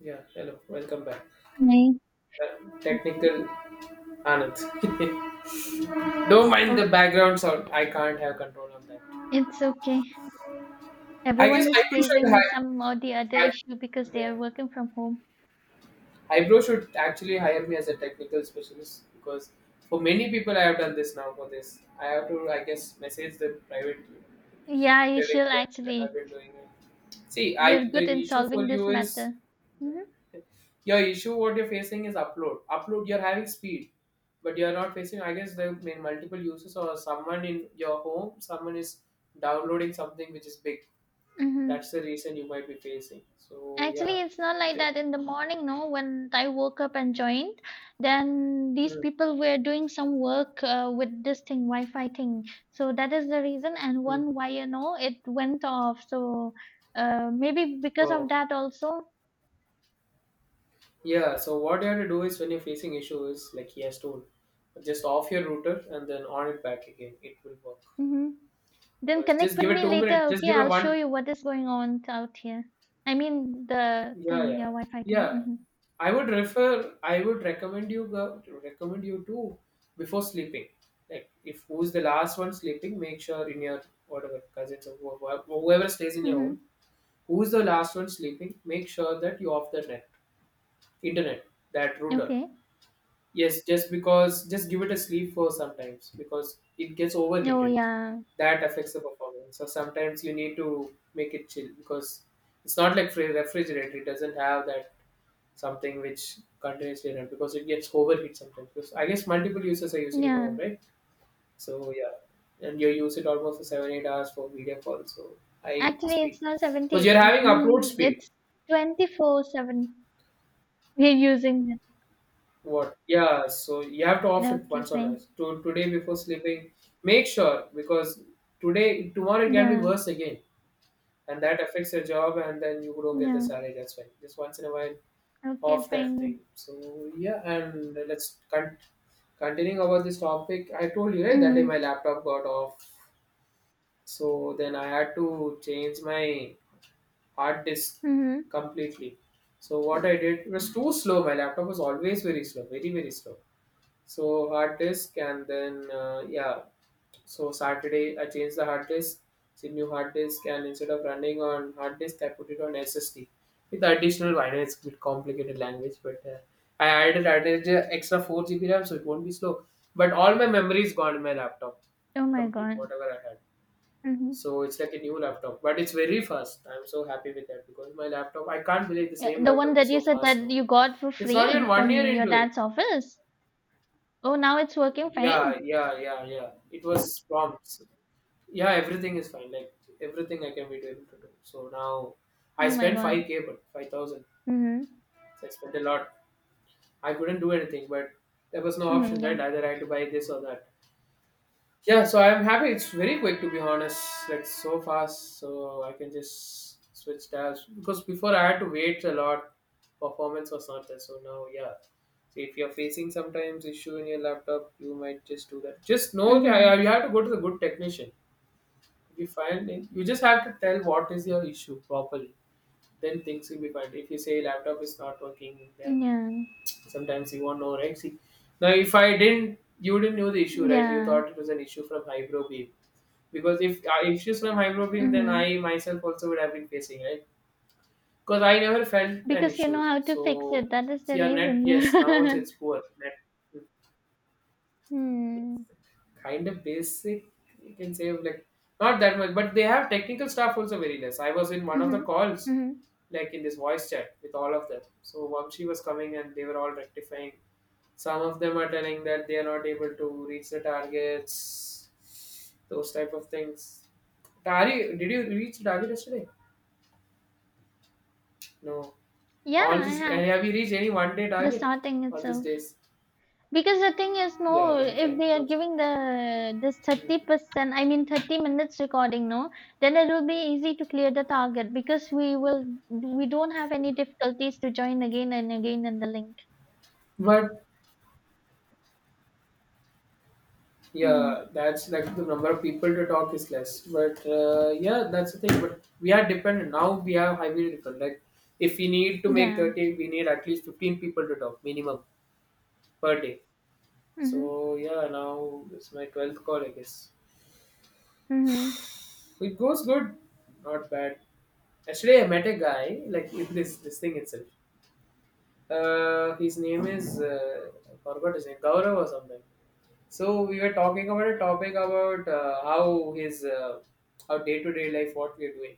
Yeah, hello, welcome back. Hi. Technical Anand. Don't mind the background sound. I can't have control on that. It's okay. I Everyone guess is eyebrow should facing some hire. or the other issue because they are Yeah, working from home. eyebrow should actually hire me as a technical specialist because for many people I have done this now. For this, I have to, I guess, message the private Yeah, you should director, that I've actually. been doing it. See, You're I good the in issue solving for this you is matter. Mm-hmm. your issue. What you're facing is upload. Upload. You're having speed, but you're not facing. I guess the main multiple uses or someone in your home, someone is downloading something which is big. Mm-hmm. That's the reason you might be facing. So yeah. Actually, it's not like Yeah. that in the morning, no. When I woke up and joined, then these Mm, people were doing some work with this thing, Wi-Fi thing. So that is the reason. And mm. one wire, no, it went off. So maybe because of So that also. yeah. So what you have to do is when you're facing issue is like he has told, just off your router and then on it back again. It will work. Mm-hmm. Then Because just connect with give it me two later, minutes. Just okay? give it I'll show one. you what is going on out here. I mean the Yeah, thing, yeah, yeah, Wi-Fi thing. yeah. Mm-hmm. I would refer. I would recommend you go to recommend you to before sleeping. Like if who's the last one sleeping, make sure in your whatever cousins or whoever stays in your Mm-hmm. home, who's the last one sleeping, make sure that you off the net, internet, that router. Okay. Yes, just because just give it a sleep for sometimes because it gets Oh overheated. yeah, That affects the performance. So sometimes you need to make it chill because it's not like refrigerator. It doesn't have that something which continuously run because it gets overheat sometimes. Because I guess multiple users are using in your home, yeah. right? So yeah, and you use it almost for 7 8 hours for video calls. So high Actually, speed it's not because 78. you're having upload Mm-hmm. speed. It's 24/7. We're using it. What? Yeah. So you have to off it Okay, once or fine. twice. To today before sleeping, make sure because today tomorrow it can be Yeah, worse again, and that affects your job, and then you don't get the yeah. salary. That's fine. Just once in a while, Okay, off that thing. fine. So yeah, and let's continue. Continuing about this topic, I told you, right? That day Mm-hmm. my laptop got off, so then I had to change my hard disk Mm-hmm. completely. So what I did, it was too slow, my laptop was always very slow, very slow. So hard disk and then yeah. So Saturday, I changed the hard disk. It's a new hard disk, and instead of running on hard disk, I put it on SSD with additional. I know it's a bit complicated language, but I added extra 4 GB RAM, so it won't be slow. But all my memory is gone in my laptop, Oh my complete God. whatever I had. Mm-hmm. So it's like a new laptop, but it's very fast. I'm so happy with that because my laptop, I can't believe the Yeah, same the one laptop that is you so said fast that now. you got for It's not even free one year from your into it. dad's office. Oh, now it's working Yeah, fine. yeah, yeah, yeah. It was prompt. Yeah, everything is fine. Like everything I can be able to do. So now I Oh my spent God. 5K, but 5,000. Mm-hmm. So I spent a lot. I couldn't do anything, but there was no Mhm, option, right? yeah. Either I had to buy this or that. Yeah, so I'm happy. It's very quick to be honest. Like so fast, so I can just switch tabs. Because before I had to wait a lot. Performance was not there. So now yeah. So if you're facing sometimes issue in your laptop, you might just do that. Just know that Mhm. you have to go to the good technician. If you find it, you just have to tell what is your issue properly, then things will be fine. If you say laptop is not working, then Yeah. sometimes you won't know, right? See, now if I didn't, you didn't know the issue, right? You Yeah. thought it was an issue from hybro beam because if issues from hybro beam, then Mhm. I myself also would have been facing, right? Because I never felt an Because you know issue. how to fix So it. That is the see our net, reason yes, now also you it's poor net, Hmm. kind of basic, you can say, like not that much, but they have technical staff also very less. I was in one of the Mhm. calls, Mhm. like in this voice chat with all of them, so Vamshi was coming and they were all rectifying. Some of them are telling that they are not able to reach the targets, those type of things. Tari, did you reach the target yesterday? No, Yeah, all I this, have and have you reached any one day the target starting all these itself. days? Because the thing is, Yeah, no, then if fine. they are Those— giving the this Hmm. 30%, I mean 30 minutes recording, no, then it will be easy to clear the target because we don't have any difficulties to join again and again in the link. But Mhm. yeah, that's like the number of people to talk is less. But yeah, that's the thing. But we are dependent now. We are highly dependent. Like if we need to make Yeah. 30, we need at least 15 people to talk minimum per day. Mhm. So yeah, now it's my 12th call, I guess. Mhm. It goes good, not bad. Actually, I met a guy like in this thing itself. His name is I forgot his name, Gaurav or something. So we were talking about a topic about how his how day to day life what we are doing.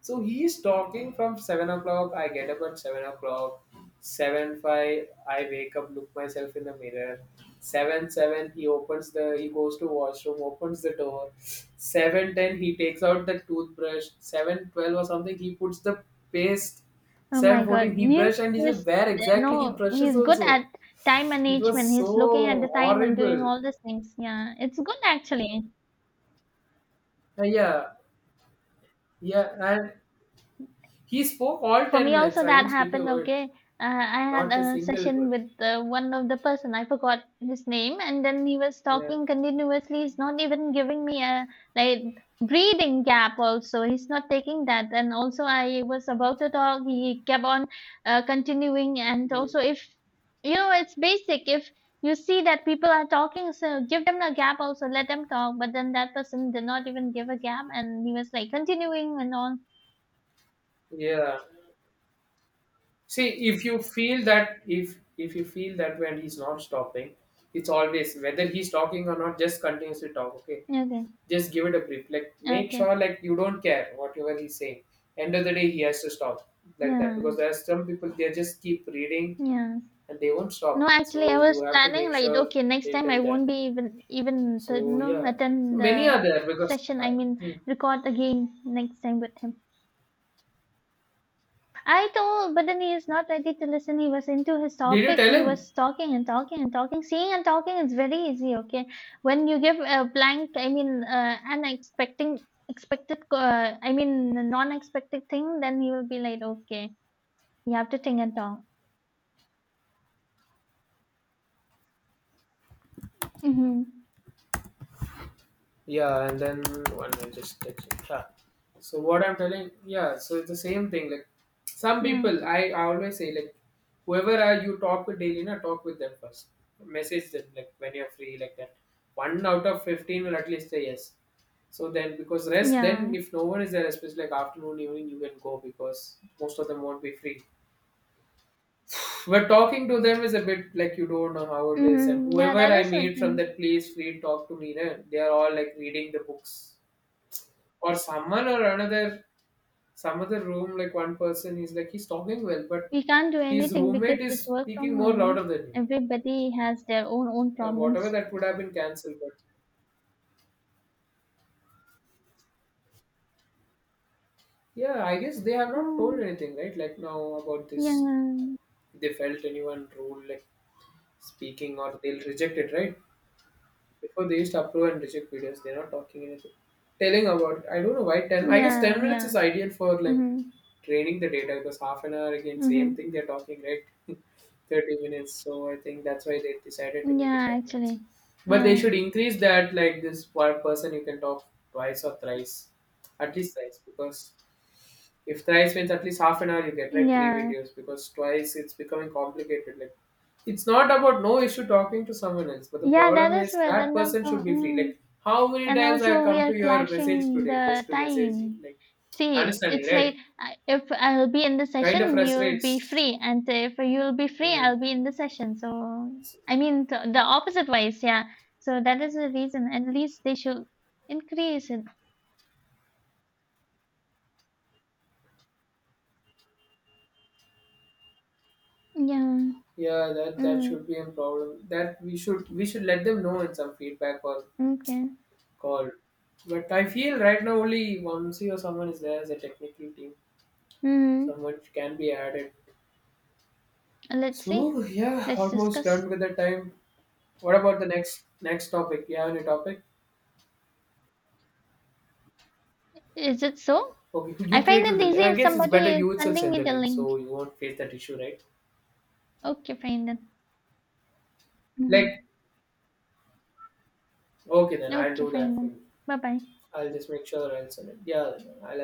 So he is talking from 7 o'clock. I get up at 7 o'clock. Seven five, I wake up, look myself in the mirror. Seven seven, he opens the, he goes to washroom, opens the door. 7:10, he takes out the toothbrush. 7:12 or something, he puts the paste. Oh Seven my God. fourteen, he Muse brush and he says is, where exactly he you brushes he's good at also. time It was management. He's looking at the so time and doing horrible. all these things. Yeah, it's good actually. Yeah, yeah, and he spoke all For ten me minutes. also I that didn't speak a happened, word, okay. I had not a a single session word. with one of the person, I forgot his name, and then he was Yeah. talking continuously. He's not even giving me a like breathing gap also. He's not taking that. And also I was about to talk, he kept on continuing. And Mm, also if, you know, it's basic. If you see that people are talking, so give them a gap also, let them talk. But then that person did not even give a gap and he was like continuing and on. yeah. See, if you feel that if you feel that when he's not stopping, it's always whether he's talking or not, just continuously talk. Okay, Okay. just give it a brief. Like make Okay. sure like you don't care whatever he's saying. End of the day, he has to stop like that Yeah. because there are some people they just keep reading Yeah. and they won't No, stop. actually, I So you was have to planning make like, sure okay, next they time I tell won't that. be even even the So no yeah, so attend many are the there because. session. I, I mean, hmm, record again next time with him. I told, but then he is not ready to listen. He was into his did you topic. tell He him? was talking and talking and talking. Seeing and talking is very easy. Okay, when you give a blank, I mean, unexpected expected, I mean, a non-expected thing, then he will be like, okay, you have to think and talk. Mm-hmm. Yeah, and then 1 minute, just text it. Yeah. So what I'm telling, yeah. So it's the same thing. Like some Yeah. people, I always say like, whoever are you talk with daily, na talk with them first. Message them like when you're free, like that. One out of 15 will at least say yes. So then, because rest, then Yeah. if no one is there, especially like afternoon, evening, you can go because most of them won't be free. But talking to them is a bit like you don't know how it is. And Hmm. Yeah, whoever that I is meet from that certain. place, free talk to me. Na? They are all like reading the books or someone or another, some other room, like one person is like he's talking well but We can't do his anything because roommate is it's work from speaking more home, no? louder than him. Everybody has their own Now whatever problems. that would have been cancelled, but yeah, I guess they have not told No. anything, right? Like now about this, Yeah. if they felt anyone rude, like speaking, or they'll reject it, right? Before they used to approve and reject videos, they're not talking anything. Telling about it. I don't know why ten, I guess Yeah, 10 minutes yeah. is ideal for like Mm-hmm. training the data because half an hour again same Mm-hmm. thing they're talking, right? 30 minutes. So I think that's why they decided to make it Yeah, 10 minutes. actually. But they Yeah. should increase that, like this one person you can talk twice or thrice, at least thrice, because if thrice means at least half an hour, you get like three Yeah. videos because twice it's becoming complicated. Like, it's not about no issue talking to someone else, but the Yeah, that problem is is where that then person also. should be free. Mm. Like, how many And times I have also we come are to your message clashing today the just to message you? time. Like, See, understanding, it's like right? If I'll be in the Kind of session, you'll be frustrates. free, and if you'll be free, Hmm. I'll be in the session. So I mean the opposite ways. Yeah, so that is the reason at least they should increase it. Yeah. Yeah, that that mm. should be a problem. That we should let them know in some feedback or Okay. call. But I feel right now only Vamsi or someone is there as a technical team. mm. Someone can be added. Let's see. So yeah, Let's almost discuss. done with the time. What about the next topic? You have any topic? Is it so? Okay, I you find created it the. Easy I if guess it's somebody better is you itself sending send me the the link, link. so you won't face that issue, right? Okay, fine then. Like, Hmm. okay, then I'll Okay, do fine that for then. you. Bye bye. I'll just make sure I'll send it. Yeah, I'll